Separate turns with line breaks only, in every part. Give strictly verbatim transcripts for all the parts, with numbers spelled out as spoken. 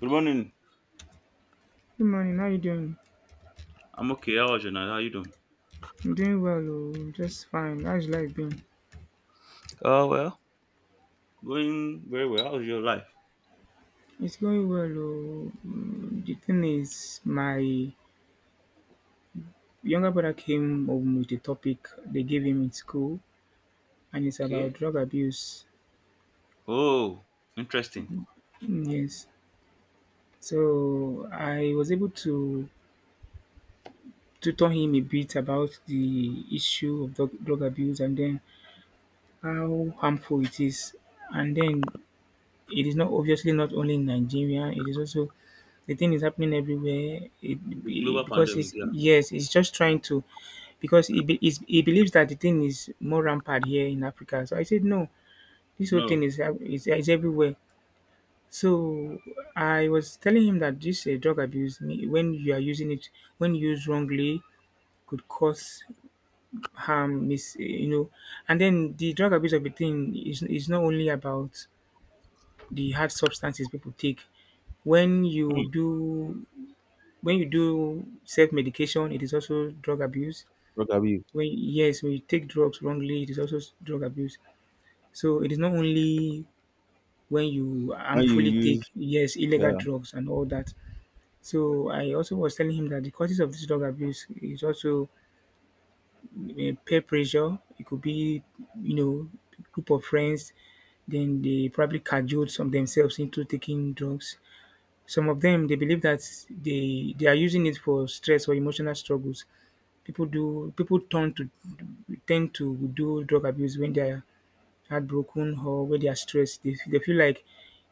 Good morning.
Good morning, how you doing?
I'm okay. How was your night? How you doing?
I'm doing well, oh, just fine. How's your life been?
Oh well. Going very well. How's your life?
It's going well, oh. Mm, The thing is, my younger brother came home with a topic they gave him in school, and it's about
Okay.
drug abuse.
Oh, interesting.
Mm, yes. So I was able to tutor him a bit about the issue of drug, drug abuse and then how harmful it is. And then it is not obviously not only in Nigeria, it is also. The thing is happening everywhere. It,
The
be
global
because
pandemic.
it's
Yeah.
yes, it's just trying to, because he be, he's, he believes that the thing is more rampant here in Africa. So I said no, this whole thing
No.
is hap- is, is everywhere. So I was telling him that this uh, drug abuse, me- when you are using it, when used wrongly, could cause harm. Mis, you know, and then the drug abuse of a thing is is not only about the hard substances people take. When
Hmm.
you do When you do self-medication, it is also drug abuse.
Drug abuse.
When, yes, when you take drugs wrongly, it is also s- drug abuse. So it is not only when you
When you
harmfully take,
use,
yes, illegal
yeah.
drugs and all that. So I also was telling him that the causes of this drug abuse is also eh, peer pressure. It could be you know group of friends. Then they probably cajoled some themselves into taking drugs. Some of them they believe that they they are using it for stress or emotional struggles. People do people tend to tend to do drug abuse when they are heartbroken or when they are stressed. They, they feel like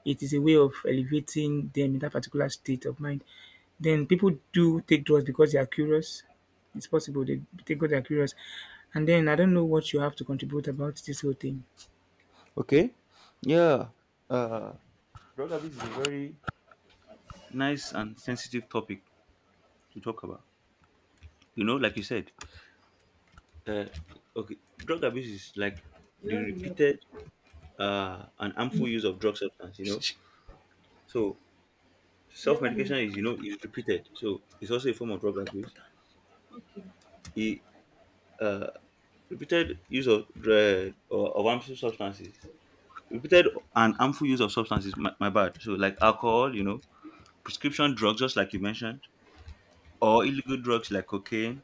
it is a way of elevating them in that particular state of mind. Then people do take drugs because they are curious. It's possible they take because they are curious. And then I don't know what you have to contribute about this whole thing.
Okay. Yeah. Uh, drug abuse is a very nice and sensitive topic to talk about. You know, like you said. Uh, okay. Drug abuse is like the
You
repeated uh and harmful use of drug substance. You know. So
never.
self-medication is, you know, is repeated, so it's also a form of drug abuse.
Okay.
He, uh, repeated use of drug or of harmful substances, repeated and harmful use of substances. My, my bad. So like alcohol, you know, prescription drugs, just like you mentioned, or illegal drugs like cocaine,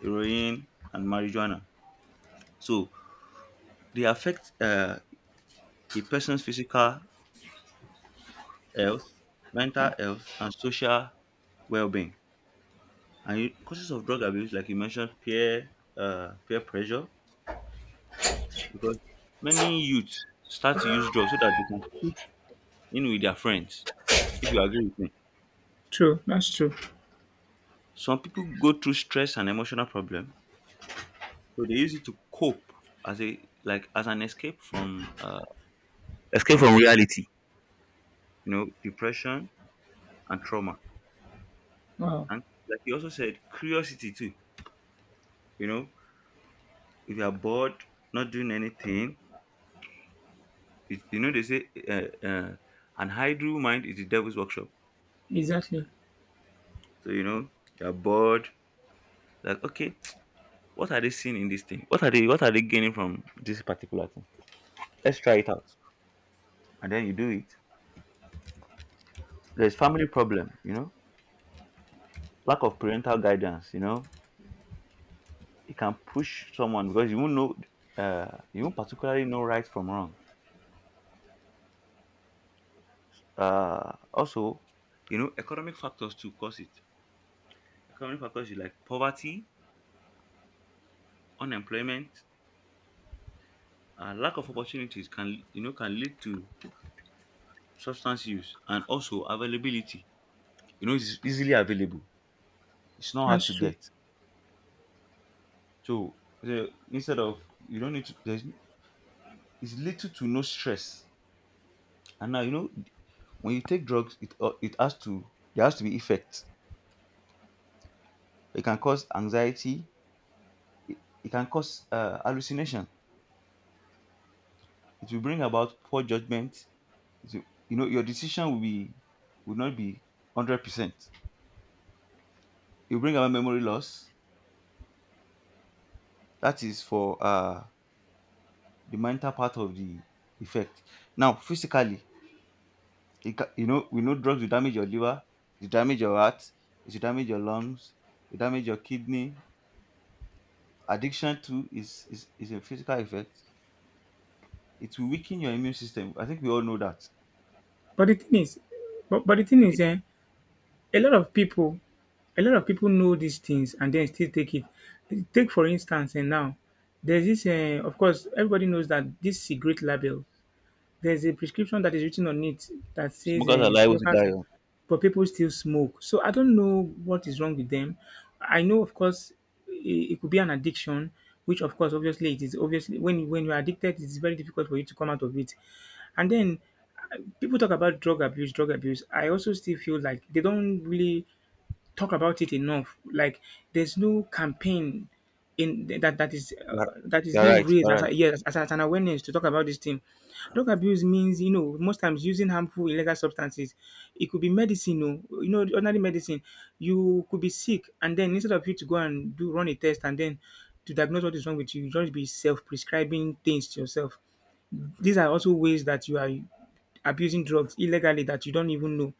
heroin, and marijuana. So they affect uh, a person's physical health, mental health, and social well-being. And you- causes of drug abuse, like you mentioned, peer uh, peer pressure because many youths start to use drugs so that they can fit in with their friends. If you agree with me,
True, that's true.
some people go through stress and emotional problem, so they use it to cope as a like as an escape from uh, escape from reality. You know, depression and trauma,
Wow,
and like you also said, curiosity too. You know, if you are bored, not doing anything, it, you know, they say uh, uh, an idle mind is the devil's workshop.
exactly.
So you know you are bored, like okay. What are they seeing in this thing? What are they what are they gaining from this particular thing? Let's try it out. And then you do it. There's family problem, you know, lack of parental guidance, you know. It can push someone because you won't know, uh you won't particularly know right from wrong. Uh also, you know, economic factors too cause it. Economic factors is like poverty, unemployment, uh, lack of opportunities can, you know, can lead to substance use and also availability. You know, it's easily available. It's not hard
That's
to
true.
get. So the, instead of, you don't need to, there's is little to no stress. And now you know when you take drugs, it, uh, it has to, there has to be effect. It can cause anxiety. It, it can cause uh, hallucination. It will bring about poor judgment. It will, you know, your decision will be, will not be hundred percent. It will bring about memory loss. That is for uh, the mental part of the effect. Now physically, it ca-, you know, we know drugs will damage your liver, it damage your heart, it will damage your lungs, it damage your kidney. Addiction too is, is is a physical effect. It will weaken your immune system. I think we all know that.
But the thing is, but, but the thing is,
Okay.
eh, a lot of people, a lot of people know these things and then still take it. Take, for instance, and now, there's this. Eh, of course, everybody knows that this cigarette label. There's a prescription that is written on it that says
Smokers are
eh,
liable to
smokers,
die. Young.
but people still smoke. So I don't know what is wrong with them. I know, of course, it, it could be an addiction, which, of course, obviously, it is, obviously when when you're addicted, it's very difficult for you to come out of it. And then uh, people talk about drug abuse, drug abuse. I also still feel like they don't really talk about it enough. Like, there's no campaign in that that is
You're,
uh, that is
you're
being
right.
raised
You're
as
right.
a, yes as, as an awareness to talk about this thing. Drug abuse means, you know most times, using harmful illegal substances. It could be medicine, oh, you know, ordinary medicine. You could be sick, and then instead of you to go and do run a test and then to diagnose what is wrong with you, you just be self-prescribing things to yourself. These are also ways that you are abusing drugs illegally that you don't even know.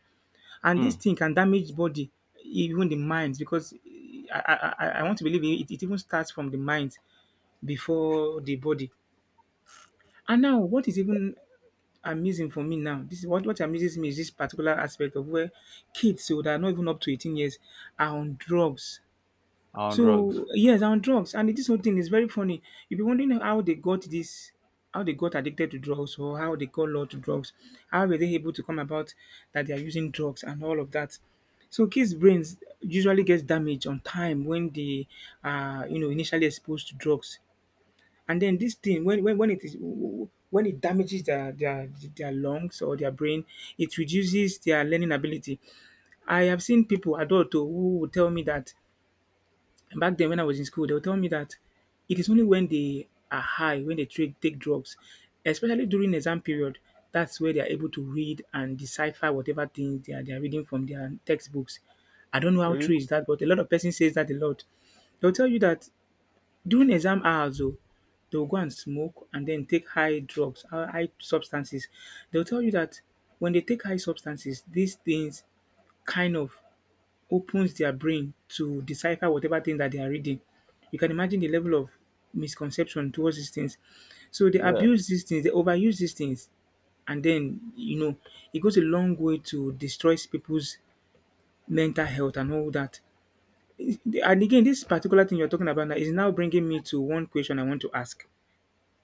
And this
Hmm.
thing can damage body, even the mind, because I I, I I want to believe it, it even starts from the mind before the body. And now, what is even amazing for me now, this is what, what amazes me, is this particular aspect of where kids who are not even up to eighteen years are on drugs.
On drugs.
So, yes, I'm on drugs, and this whole thing is very funny. You'll be wondering how they got this, how they got addicted to drugs, or how they got law to drugs. How were they able to come about that they are using drugs and all of that? So kids' brains usually gets damaged on time when they are, you know, initially exposed to drugs, and then this thing, when when, when it is when it damages their, their their lungs or their brain, it reduces their learning ability. I have seen people, adult, oh, who will tell me that, and back then when I was in school, they would tell me that it is only when they are high, when they tra- take drugs, especially during exam period, that's where they are able to read and decipher whatever things they are, they are reading from their textbooks. I don't know how true
Really?
is that, but a lot of person says that a lot. They'll tell you that during exam hours, though, they'll go and smoke and then take high drugs, high high substances. They'll tell you that when they take high substances, these things kind of opens their brain to decipher whatever thing that they are reading. You can imagine the level of misconception towards these things. So they
Yeah.
abuse these things, they overuse these things, and then you know it goes a long way to destroy people's mental health and all that. And again, this particular thing you're talking about now is now bringing me to one question I want to ask.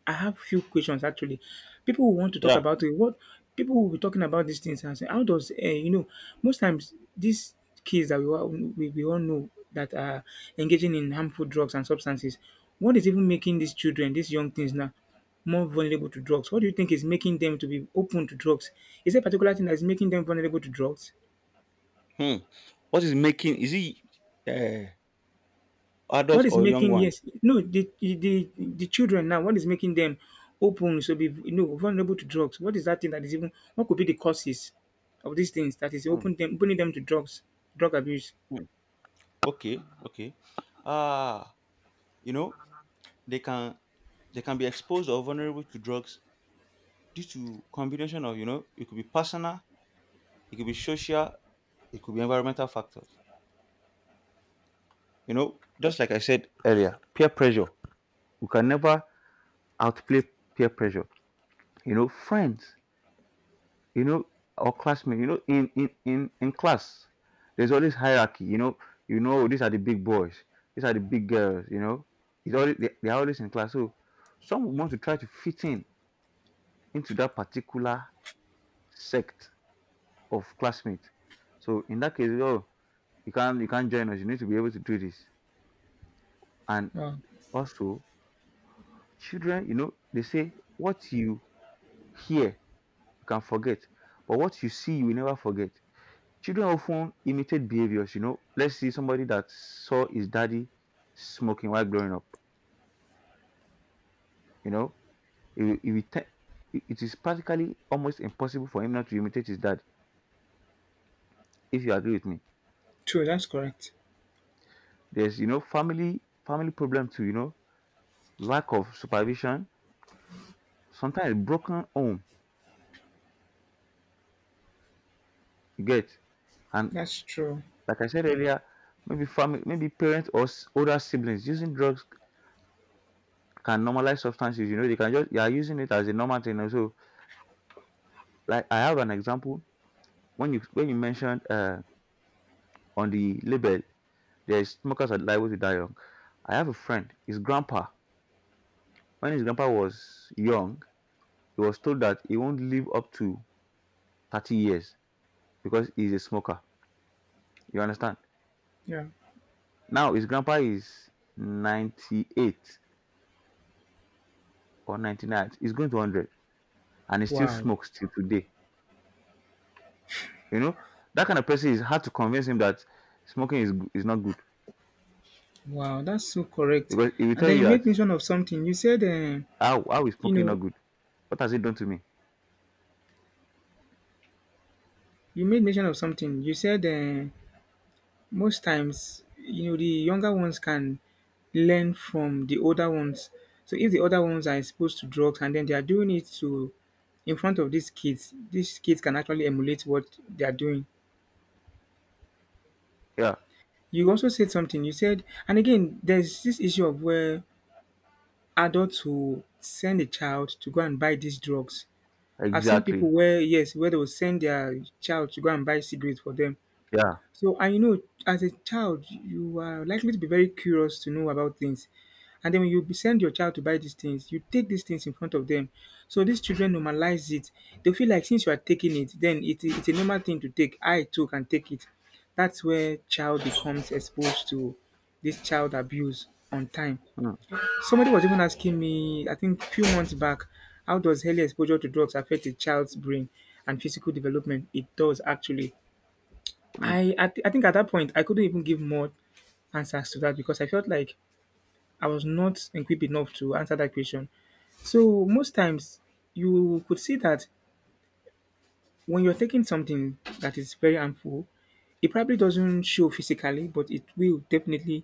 I have few questions actually. People who want to talk
Yeah.
about it, what people will be talking about these things and say, how does uh, you know most times these kids that we all, we, we all know that are engaging in harmful drugs and substances, what is even making these children, these young things now, more vulnerable to drugs? What do you think is making them to be open to drugs? Is there a particular thing that is making them vulnerable to drugs?
Hmm. What is making? Is it uh,
What
adults
is
or young
making,
one?
yes, no, the the the children now, what is making them open so be, you know vulnerable to drugs? What is that thing that is even what could be the causes of these things that is
Hmm.
open them opening them to drugs, drug abuse?
Hmm. Okay. Okay. Ah, you know, they can they can be exposed or vulnerable to drugs due to combination of, you know, it could be personal, it could be social, it could be environmental factors, you know, just like I said earlier, peer pressure. We can never outplay peer pressure, you know, friends, you know, or classmates, you know, in in in, in class there's always hierarchy, you know. You know, oh, these are the big boys, these are the big girls, you know, it's always they, they are always in class. So some would want to try to fit in into that particular sect of classmates. So in that case, oh, you can't, you can't join us. You need to be able to do this. And
Wow,
also, children, you know, they say what you hear you can forget, but what you see you will never forget. Children often imitate behaviors. You know, let's see somebody that saw his daddy smoking while growing up. You know, it will- it, will te- it it is practically almost impossible for him not to imitate his dad. If you agree with me,
true. That's correct.
there's, you know, family family problem too. You know, lack of supervision, sometimes broken home. You get, and
That's true.
like I said earlier, maybe family, maybe parents or s- older siblings using drugs can normalize substances. You know, they can just, you are using it as a normal thing. Also, like I have an example, when you when you mentioned uh on the label, there's smokers are liable to die young. I have a friend. His grandpa, when his grandpa was young, he was told that he won't live up to thirty years because he's a smoker. You understand?
Yeah.
Now his grandpa is ninety-eight or ninety-nine. He's going to one hundred and he still
Wow.
smokes till today. You know, that kind of person is hard to convince him that smoking is go- is not good,
Wow. That's so correct.
because he will
And
tell
then you
you
made
that,
mention of something. You said, uh,
how how is
you
smoking not
know,
good? What has it done to me?
you made mention of something. You said, uh, most times, you know, the younger ones can learn from the older ones. So if the older ones are exposed to drugs and then they are doing it, to in front of these kids, these kids can actually emulate what they are doing.
Yeah,
You also said something. You said, and again, there's this issue of where adults who send a child to go and buy these drugs. I've seen
exactly.
people where, yes, where they will send their child to go and buy cigarettes for them.
Yeah.
So, and you know, as a child, you are likely to be very curious to know about things. And then when you be- send your child to buy these things, you take these things in front of them. So these children normalize it. They feel like since you are taking it, then it, it's a normal thing to take. I too can take it. That's where child becomes exposed to this child abuse on time.
Hmm.
Somebody was even asking me, I think a few months back, how does early exposure to drugs affect a child's brain and physical development? It does actually.
Hmm.
I I, thi- I think at that point I couldn't even give more answers to that because I felt like I was not equipped enough to answer that question. So most times you could see that when you're taking something that is very harmful, it probably doesn't show physically, but it will definitely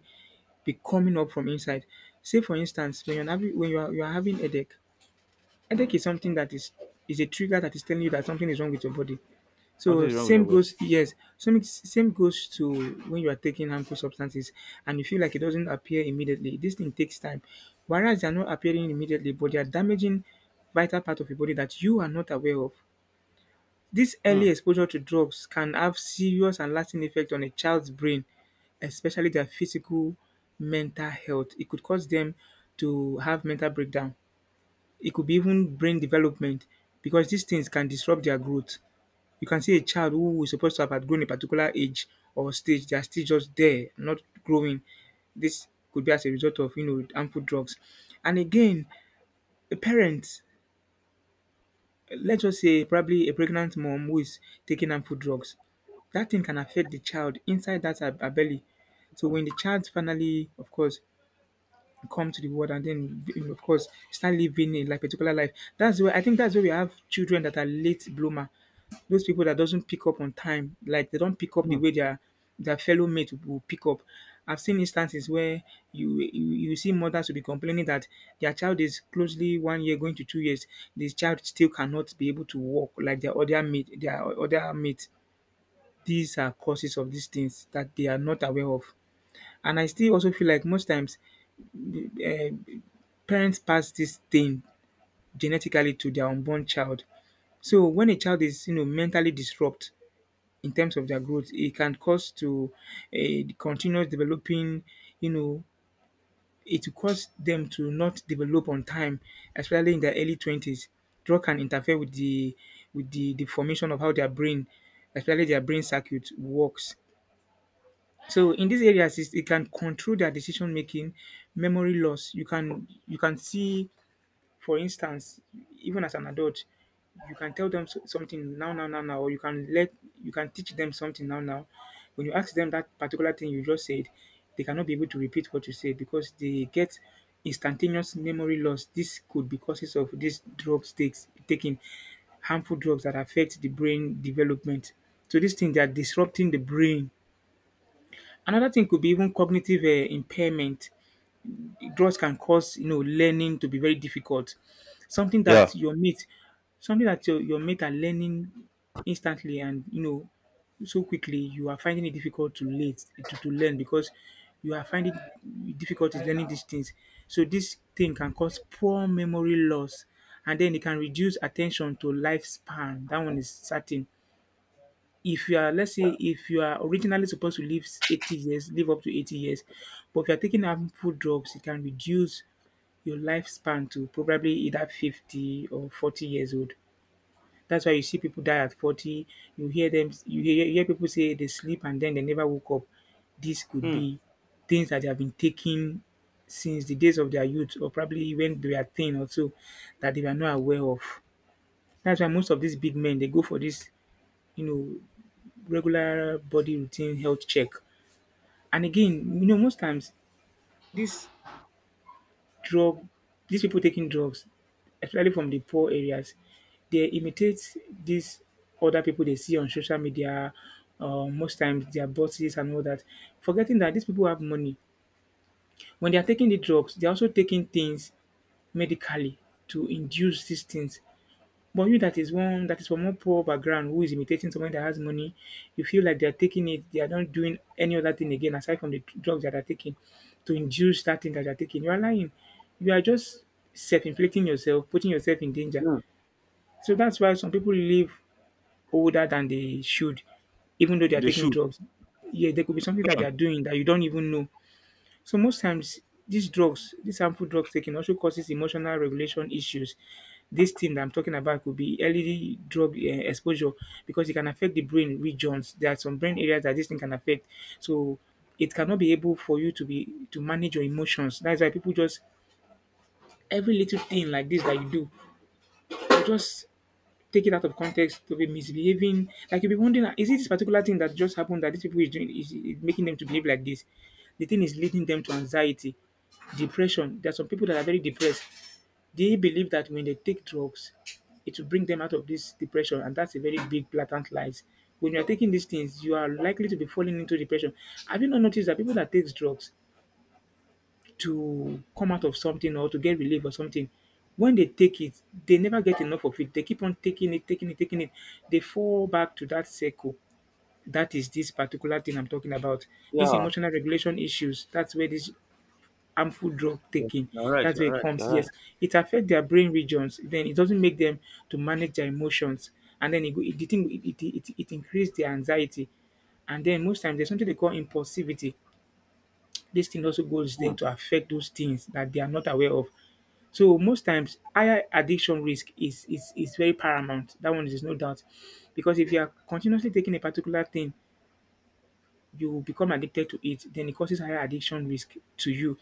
be coming up from inside. Say, for instance, when you're having when you are you are having headache. Headache is something that is is a trigger that is telling you that something is wrong with your body.
Something
So
is wrong with your
same
word.
goes yes, some same goes to when you are taking harmful substances and you feel like it doesn't appear immediately. This thing takes time. Whereas they are not appearing immediately, but they are damaging vital part of your body that you are not aware of. This early
Hmm.
exposure to drugs can have serious and lasting effect on a child's brain, especially their physical mental health. It could cause them to have mental breakdown. It could be even brain development, because these things can disrupt their growth. You can see a child who is supposed to have outgrown a particular age or stage, they are still just there, not growing. This could be as a result of you know harmful drugs. And again, a parent, let's just say probably a pregnant mom who is taking harmful drugs, that thing can affect the child inside that her her belly. So when the child finally, of course, come to the world and then you know, of course start living a like particular life. That's where I think that's where we have children that are late bloomer. Those people that doesn't pick up on time, like they don't pick up the
Hmm.
way their their fellow mate will pick up. I've seen instances where you you, you see mothers will be complaining that their child is closely one year going to two years. This child still cannot be able to walk like their other mate, their other mate. These are causes of these things that they are not aware of. And I still also feel like most times uh, parents pass this thing genetically to their unborn child. So when a child is you know mentally disrupt in terms of their growth, it can cause to a continuous developing, you know, it will cause them to not develop on time, especially in their early twenties. Drug can interfere with the with the, the formation of how their brain, especially their brain circuit, works. So in these areas, it's- it can control their decision making, memory loss. You can you can see. For instance, even as an adult, you can tell them so- something now, now, now, now, or you can let you can teach them something now, now. When you ask them that particular thing you just said, they cannot be able to repeat what you said because they get instantaneous memory loss. This could be causes of these drugs takes taking harmful drugs that affect the brain development. So these things they are disrupting the brain. Another thing could be even cognitive uh, impairment drugs can cause you know learning to be very difficult. Something
Yeah.
that your mate, something that your, your mate are learning instantly and you know so quickly, you are finding it difficult to late to, to learn because you are finding difficulties learning these things. So this thing can cause poor memory loss and then it can reduce attention to lifespan. That one is certain. If you are, let's say, if you are originally supposed to live eighty years, live up to eighty years, but if you are taking harmful drugs, it can reduce your lifespan to probably either fifty or forty years old. That's why you see people die at forty. You hear them, you hear, you hear people say they sleep and then they never woke up. This could
Hmm.
be things that they have been taking since the days of their youth, or probably when they were thin or so, that they were not aware of. That's why most of these big men they go for this, you know, regular body routine health check. And again, you know, most times this drug these people taking drugs, especially from the poor areas, they imitate these other people they see on social media. Uh, most times their bosses and all that, forgetting that these people have money. When they are taking the drugs, they are also taking things medically to induce these things. But you that is one that is from one poor background who is imitating someone that has money, you feel like they are taking it, they are not doing any other thing again aside from the drugs that they are taking to induce that thing that they are taking. You are lying. You are just self-inflicting yourself, putting yourself in danger.
Hmm.
So that's why some people live older than they should, even though they are
They
taking
should.
drugs. Yeah, there could be something that
Hmm.
they are doing that you don't even know. So most times these drugs, these harmful drugs taken also causes emotional regulation issues. This thing that I'm talking about could be early drug eh, exposure because it can affect the brain regions. There are some brain areas that this thing can affect. So it cannot be able for you to be to manage your emotions. That's why people just every little thing like this that you do, you just taken out of context to be misbehaving. Like you'll be wondering, "Ah, is it this particular thing that just happened that these people is doing is, is making them to behave like this?" The thing is leading them to anxiety, depression. There are some people that are very depressed. They believe that when they take drugs, it will bring them out of this depression, and that's a very big blatant lies. When you are taking these things, you are likely to be falling into depression. Have you not noticed that people that takes drugs, to come out of something or to get relief or something. When they take it, they never get enough of it. They keep on taking it, taking it, taking it. They fall back to that circle. That is this particular thing I'm talking about. This
Yeah,
emotional regulation issues. That's where this harmful drug
yeah.
taking.
You're right.
That's
You're
where it
right. You're
comes.
right.
Yes, it affects their brain regions. Then it doesn't make them to manage their emotions, and then it go- it it it, it, it it increases their anxiety. And then most times there's something they call impulsivity. This thing also goes there
Hmm.
to affect those things that they are not aware of. So most times, higher addiction risk is is, is very paramount. That one is no doubt, because if you are continuously taking a particular thing, you become addicted to it. Then it causes higher addiction risk to you,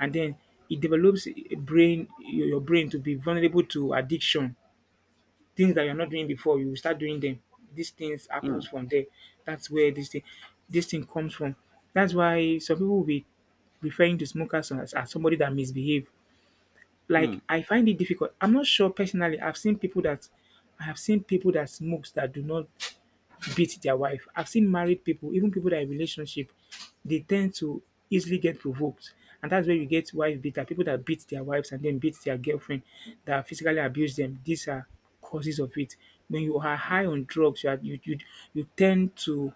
and then it develops a brain your your brain to be vulnerable to addiction. Things that you're not doing before, you will start doing them. These things
Hmm.
happens from there. That's where this thing this thing comes from. That's why some people will be referring to smokers as, as somebody that misbehave.
Hmm.
Like I find it difficult. I'm not sure personally. I've seen people that I have seen people that smokes that do not beat their wife. I've seen married people, even people that are in relationship, they tend to easily get provoked. And that's where you get wife beater, people that beat their wives and then beat their girlfriend, that physically abuse them. These are causes of it. When you are high on drugs, you, are, you, you you tend to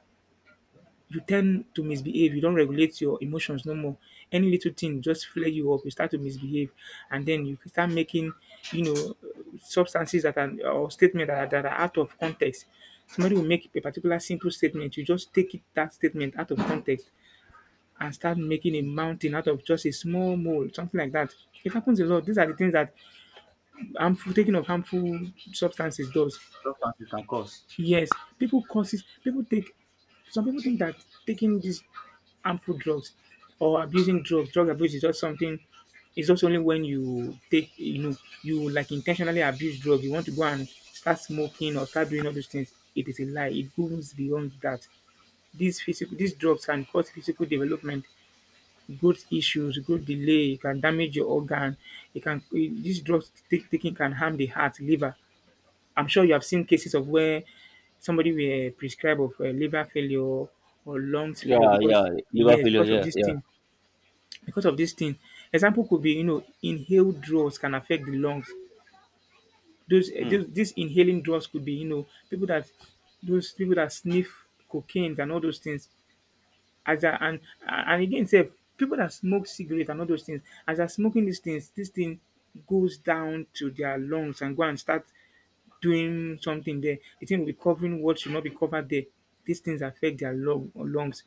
you tend to misbehave. You don't regulate your emotions no more. Any little thing just flare you up. You start to misbehave, and then you start making, you know, substances that are or statements that are, that are out of context. Somebody will make a particular simple statement. You just take it, that statement out of context and start making a mountain out of just a small mole, something like that. It happens a lot. These are the things that harmful taking of harmful substances does.
Substances can cause.
Yes, people consist people take some people think that taking these harmful drugs or abusing drugs, drug abuse is just something. It's just only when you take you know, you like intentionally abuse drug, you want to go and start smoking or start doing all those things. It is a lie. It goes beyond that. These physical these drugs can cause physical development, growth issues, growth delay, it can damage your organ, it can these drugs take, taking can harm the heart, liver, I'm sure you have seen cases of where somebody were prescribed of uh, liver failure or lungs failure
Yeah. Yeah.
because
Liver
yes,
failure.
because of
Yeah.
this
Yeah.
thing, because of this thing. Example could be you know inhaled drugs can affect the lungs. Those, eh,
Hmm.
those these inhaling drugs could be you know people that those people that sniff cocaine and all those things as a and and again sef people that smoke cigarette and all those things. As they're smoking these things, this thing goes down to their lungs and go and start doing something there. The thing will be covering what should not be covered there. These things affect their lung or lungs.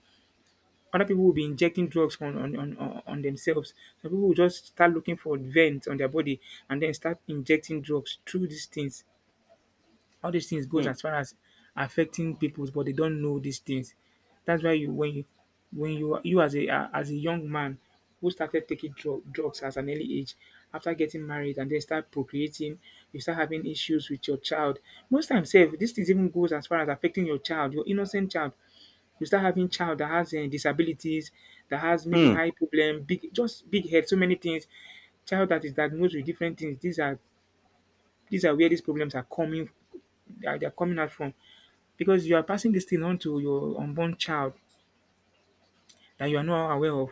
Other people will be injecting drugs on on, on, on on themselves. Some people will just start looking for veins on their body and then start injecting drugs through these things. All these things goes
Hmm.
as far as affecting people, but they don't know these things. That's why you when you when you you as a uh, as a young man who started taking drug, drugs as an early age, after getting married and then start procreating, you start having issues with your child. Most times, sef, this things even goes as far as affecting your child, your innocent child. You start having child that has uh, disabilities, that has maybe
Hmm.
high problem, big just big head, so many things. Child that is diagnosed with different things. These are these are where these problems are coming. They're, they're coming out from because you are passing this thing on to your unborn child that you are not aware of.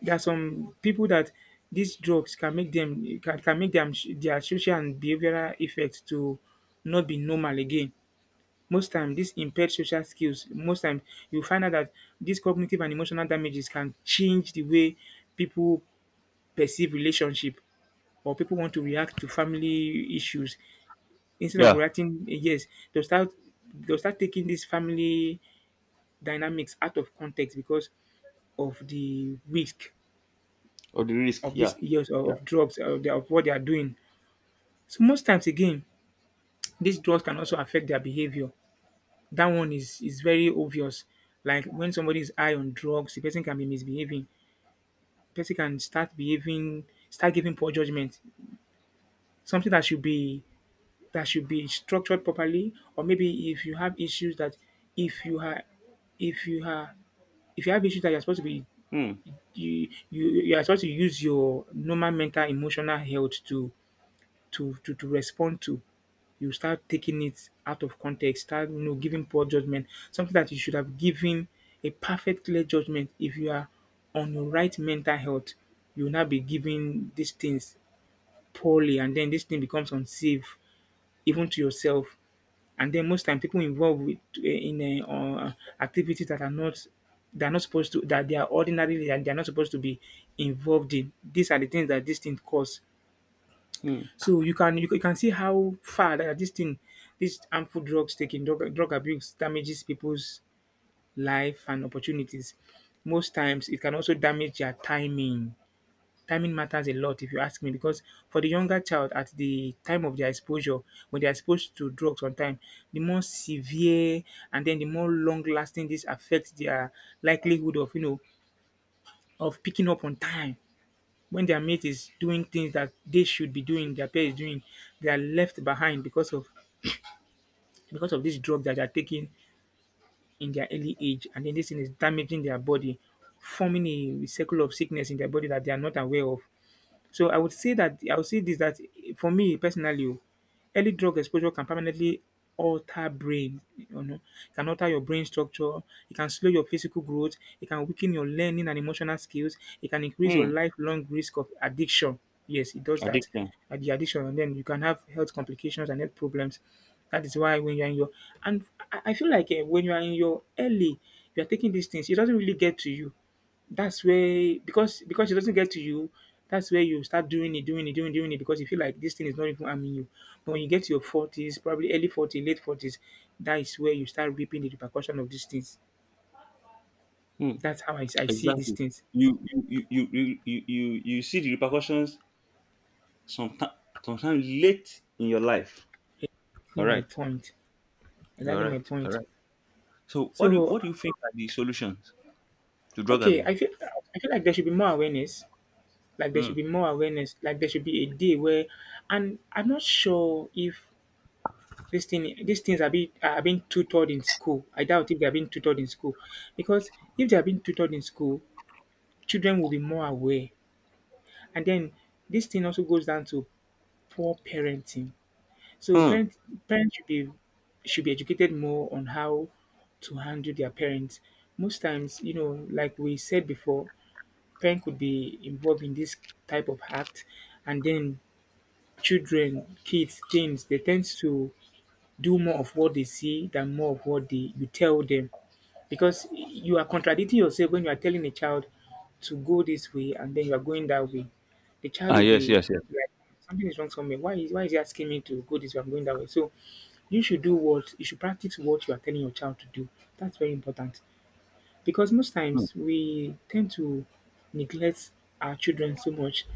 There are some people that these drugs can make them can, can make them their social and behavioral effects to not be normal again. Most time, these impaired social skills. Most time, you find out that these cognitive and emotional damages can change the way people perceive relationship, or people want to react to family issues instead of
Yeah.
reacting eh, yes, they'll start they'll start taking these family dynamics out of context because of the risk
Or the risk.
of these
Yeah.
years of,
Yeah.
of drugs of, the, of what they are doing. So most times again, these drugs can also affect their behavior. That one is is very obvious. Like when somebody is high on drugs, the person can be misbehaving, person can start behaving, start giving poor judgment, something that should be, that should be structured properly. Or maybe if you have issues that if you are if you are if you have issues that you're supposed to be,
Hmm.
you you you are supposed to use your normal mental emotional health to to to, to respond to, you start taking it out of context, start you know giving poor judgment, something that you should have given a perfect clear judgment. If you are on your right mental health, you will not be giving these things poorly, and then this thing becomes unsafe, even to yourself. And then most time people involved with eh, in a uh, activities that are not, they are not supposed to, that they are ordinarily, and they are not supposed to be involved in. These are the things that this thing cause.
Hmm.
So you can you, can- you can see how far that this thing, this harmful drugs taking drug, drug abuse damages people's life and opportunities. Most times it can also damage their timing. Timing matters a lot, if you ask me, because for the younger child, at the time of their exposure, when they are exposed to drugs on time, the more severe and then the more long lasting this affects their likelihood of you know of picking up on time. When their mate is doing things that they should be doing, their peer is doing, they are left behind because of because of this drug that they are taking in their early age, and then this thing is damaging their body, forming a circle of sickness in their body that they are not aware of. So I would say that I would say this, that for me personally, oh, early drug exposure can permanently alter brain, you know, it can alter your brain structure, it can slow your physical growth, it can weaken your learning and emotional skills, it can increase your
Hmm.
lifelong risk of addiction. Yes, it does that.
Addiction.
And the addiction, and then you can have health complications and health problems. That is why when you're in your and I I feel like eh, when you are in your early, you are taking these things, it doesn't really get to you. That's where, because because it doesn't get to you, that's where you start doing it, doing it, doing doing it, because you feel like this thing is not even harming you. But when you get to your forties, probably early forties, late forties, that is where you start reaping the repercussion of these things.
Hmm.
That's how I, I see these
Exactly.
things.
You you you you you you, you you see the repercussions sometimes, sometimes late in your life.
Exactly
All
my
right.
point.
You are
Exactly my
right. All
point.
right. So what do you,
So
what do you think are the solutions to drug
okay,
abuse?
I feel I feel like there should be more awareness. Like there
Hmm.
should be more awareness. Like there should be a day where, and I'm not sure if These thing, these things are being are being tutored in school. I doubt if they are being tutored in school, because if they are being tutored in school, children will be more aware. And then this thing also goes down to poor parenting. So
Hmm.
parents parents should be should be educated more on how to handle their parents. Most times, you know, like we said before, parent could be involved in this type of act, and then children, kids, teens, they tend to do more of what they see than more of what they you tell them, because you are contradicting yourself when you are telling a child to go this way and then you are going that way. The child
Ah,
will
yes,
be
yes, yes.
like, something is wrong somewhere. Why is why is he asking me to go this way? I'm going that way. So you should do what you should practice what you are telling your child to do. That's very important, because most
Hmm.
times we tend to neglect our children so much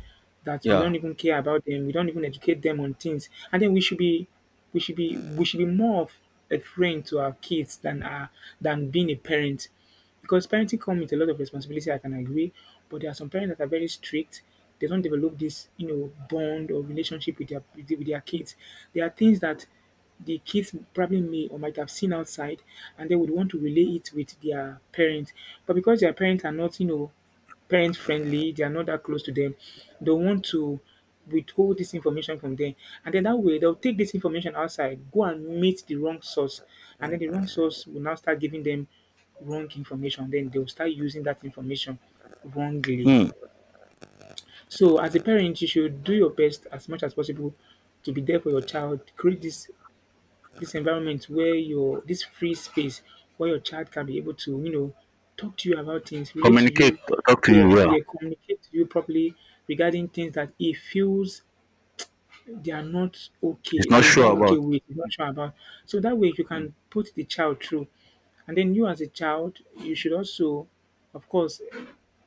that we
Yeah.
don't even care about them. We don't even educate them on things. And then we should be we should be we should be more of a friend to our kids than our, than being a parent. Because parenting comes with a lot of responsibility, I can agree. But there are some parents that are very strict. They don't develop this, you know, bond or relationship with their with their kids. There are things that the kids probably may or might have seen outside, and they would want to relay it with their parents. But because their parents are not, you know, parent friendly, they are not that close to them, they want to withhold this information from them. And then that way they'll take this information outside, go and meet the wrong source, and then the wrong source will now start giving them wrong information. Then they'll start using that information wrongly.
Hmm.
So as a parent, you should do your best as much as possible to be there for your child, create this this environment where your this free space where your child can be able to, you know, talk to you about things, relate to
Communicate.
you,
T- Talk to
yes,
you. Yeah.
yeah, communicate to you properly regarding things that he feels they are not okay,
He's
that
not
he's
sure
not okay
about.
with, he's not sure about. So that way you
Hmm.
can put the child through. And then you as a child, you should also, of course,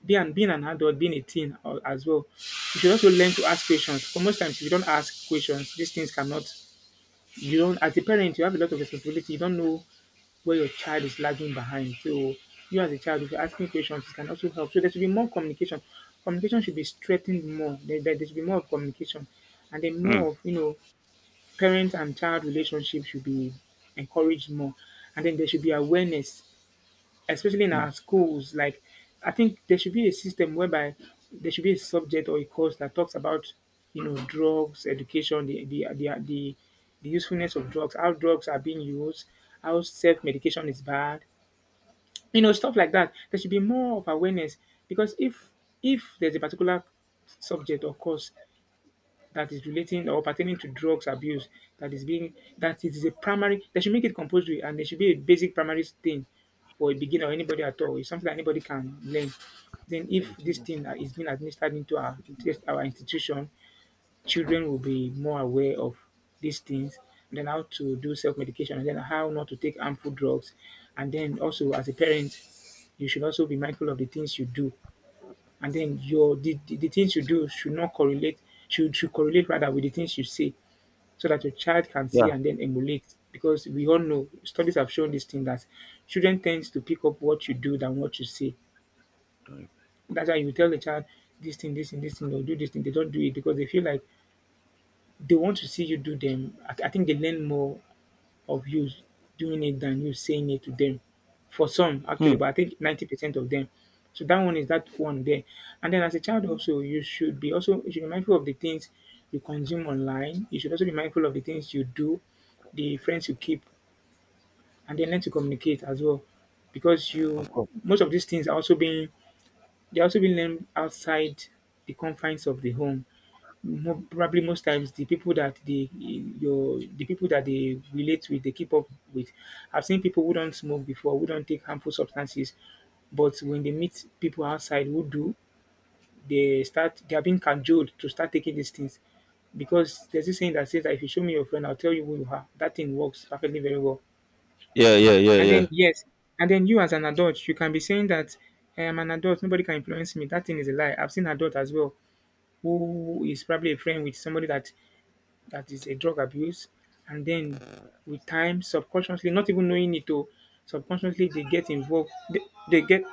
be an, being an adult, being a teen or, as well, you should also learn to ask questions. For most times, if you don't ask questions, these things cannot you don't as a parent you have a lot of responsibility, you don't know where your child is lagging behind. So you as a child, if you're asking questions, it can also help. So there should be more communication. Communication should be strengthened more. there, there, there should be more of communication, and then
Hmm.
more of, you know, parent and child relationship should be encouraged more. And then there should be awareness, especially in
Hmm.
our schools. Like, I think there should be a system whereby there should be a subject or a course that talks about, you know, drugs, education, the the the the, the usefulness of drugs, how drugs are being used, how self medication is bad, you know, stuff like that. There should be more of awareness, because if if there's a particular subject or course that is relating or pertaining to drugs abuse that is being, that it is a primary, they should make it compulsory, and it should be a basic primary thing for a beginner or anybody at all. It's something that anybody can learn. Then if this thing that is being administered into our our institution, children will be more aware of these things, and then how to do self-medication, and then how not to take harmful drugs. And then also as a parent, you should also be mindful of the things you do, and then your the, the, the things you do should not correlate, should should correlate rather with the things you say, so that your child can see
Yeah.
and then emulate, because we all know studies have shown this thing that children tends to pick up what you do than what you say. That's why you tell the child this thing this thing this thing, or do this thing, they don't do it because they feel like they want to see you do them. i, I think they learn more of you doing it than you saying it to them. For some, actually,
Hmm.
but I think ninety percent of them. So that one is that one there. And then as a child also, you should be also you should be mindful of the things you consume online. You should also be mindful of the things you do, the friends you keep, and then learn to communicate as well. Because you,
Of course.
most of these things are also being they're also being learned outside the confines of the home. Mo probably most times, the people that they your the people that they relate with, they keep up with. I've seen people who don't smoke before, who don't take harmful substances, but when they meet people outside who do, they start they are being cajoled to start taking these things. Because there's this saying that says that if you show me your friend, I'll tell you who you are. That thing works perfectly very well.
Yeah, yeah, yeah,
And then
yeah.
yes, and then you as an adult, you can be saying that I am an adult, nobody can influence me. That thing is a lie. I've seen adult as well who is probably a friend with somebody that that is a drug abuse, and then with time, subconsciously, not even knowing it, oh, subconsciously they get involved. They, they get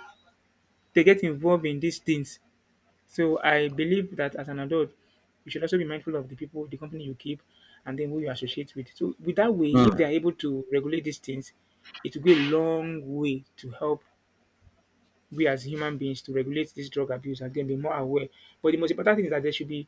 they get involved in these things. So I believe that as an adult, you should also be mindful of the people, the company you keep, and then who you associate with. So with that way, if they are
Hmm.
able to regulate these things, it will go a long way to help we as human beings to regulate this drug abuse and then be more aware. But the most important thing is that there should be,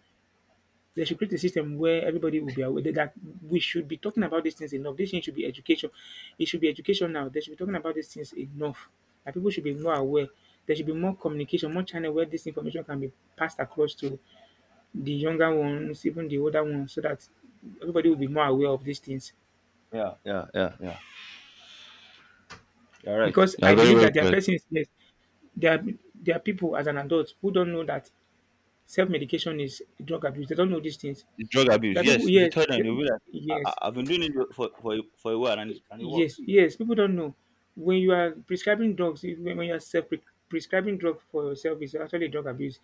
they should create a system where everybody will be aware that we should be talking about these things enough. This thing should be education. It should be education now. They should be talking about these things enough. And people should be more aware. There should be more communication, more channel where this information can be passed across to the younger ones, even the older ones, so that everybody will be more aware of these things.
Yeah, yeah, yeah, yeah. You're right.
Because
You're
I
very
believe
very
that there are
correct.
persons, yes, there are, there are people as an adult who don't know that self medication is drug abuse. They don't know these things.
Drug abuse.
There are people,
Yes, if you
yes,
tell them, you will be like, I,
yes,
I- "I've been doing it for for a- for a while, and and it
yes,
works."
yes. People don't know when you are prescribing drugs. if- When when you are self prescribing drug for yourself, is actually drug abuse.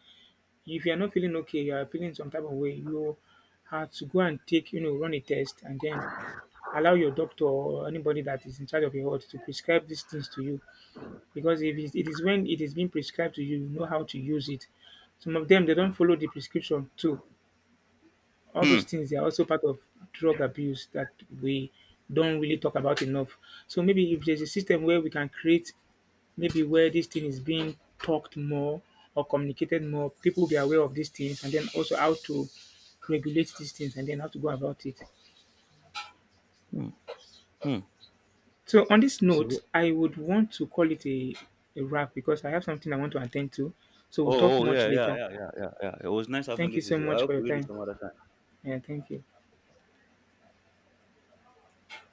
If you are not feeling okay, you are feeling some type of way. You have to go and take, you know, run a test, and then allow your doctor or anybody that is in charge of your health to prescribe these things to you. Because if it is it is when it is being prescribed to you, you know how to use it. Some of them they don't follow the prescription too. All
Hmm.
those things they are also part of drug abuse that we don't really talk about enough. So maybe if there's a system where we can create, maybe where this thing is being talked more or communicated more, people will be aware of these things, and then also how to regulate these things, and then how to go about it.
Hmm. Hmm.
So on this
You see, oh,
note, I would want to call it a, a wrap because I have something I want to attend to. So we'll talk
oh,
much
yeah, yeah,
later.
yeah, yeah, yeah, yeah. It was nice having
Thank you
this
so
with you. I
much for
hope
your
we do this
time.
some other time.
Yeah, thank you.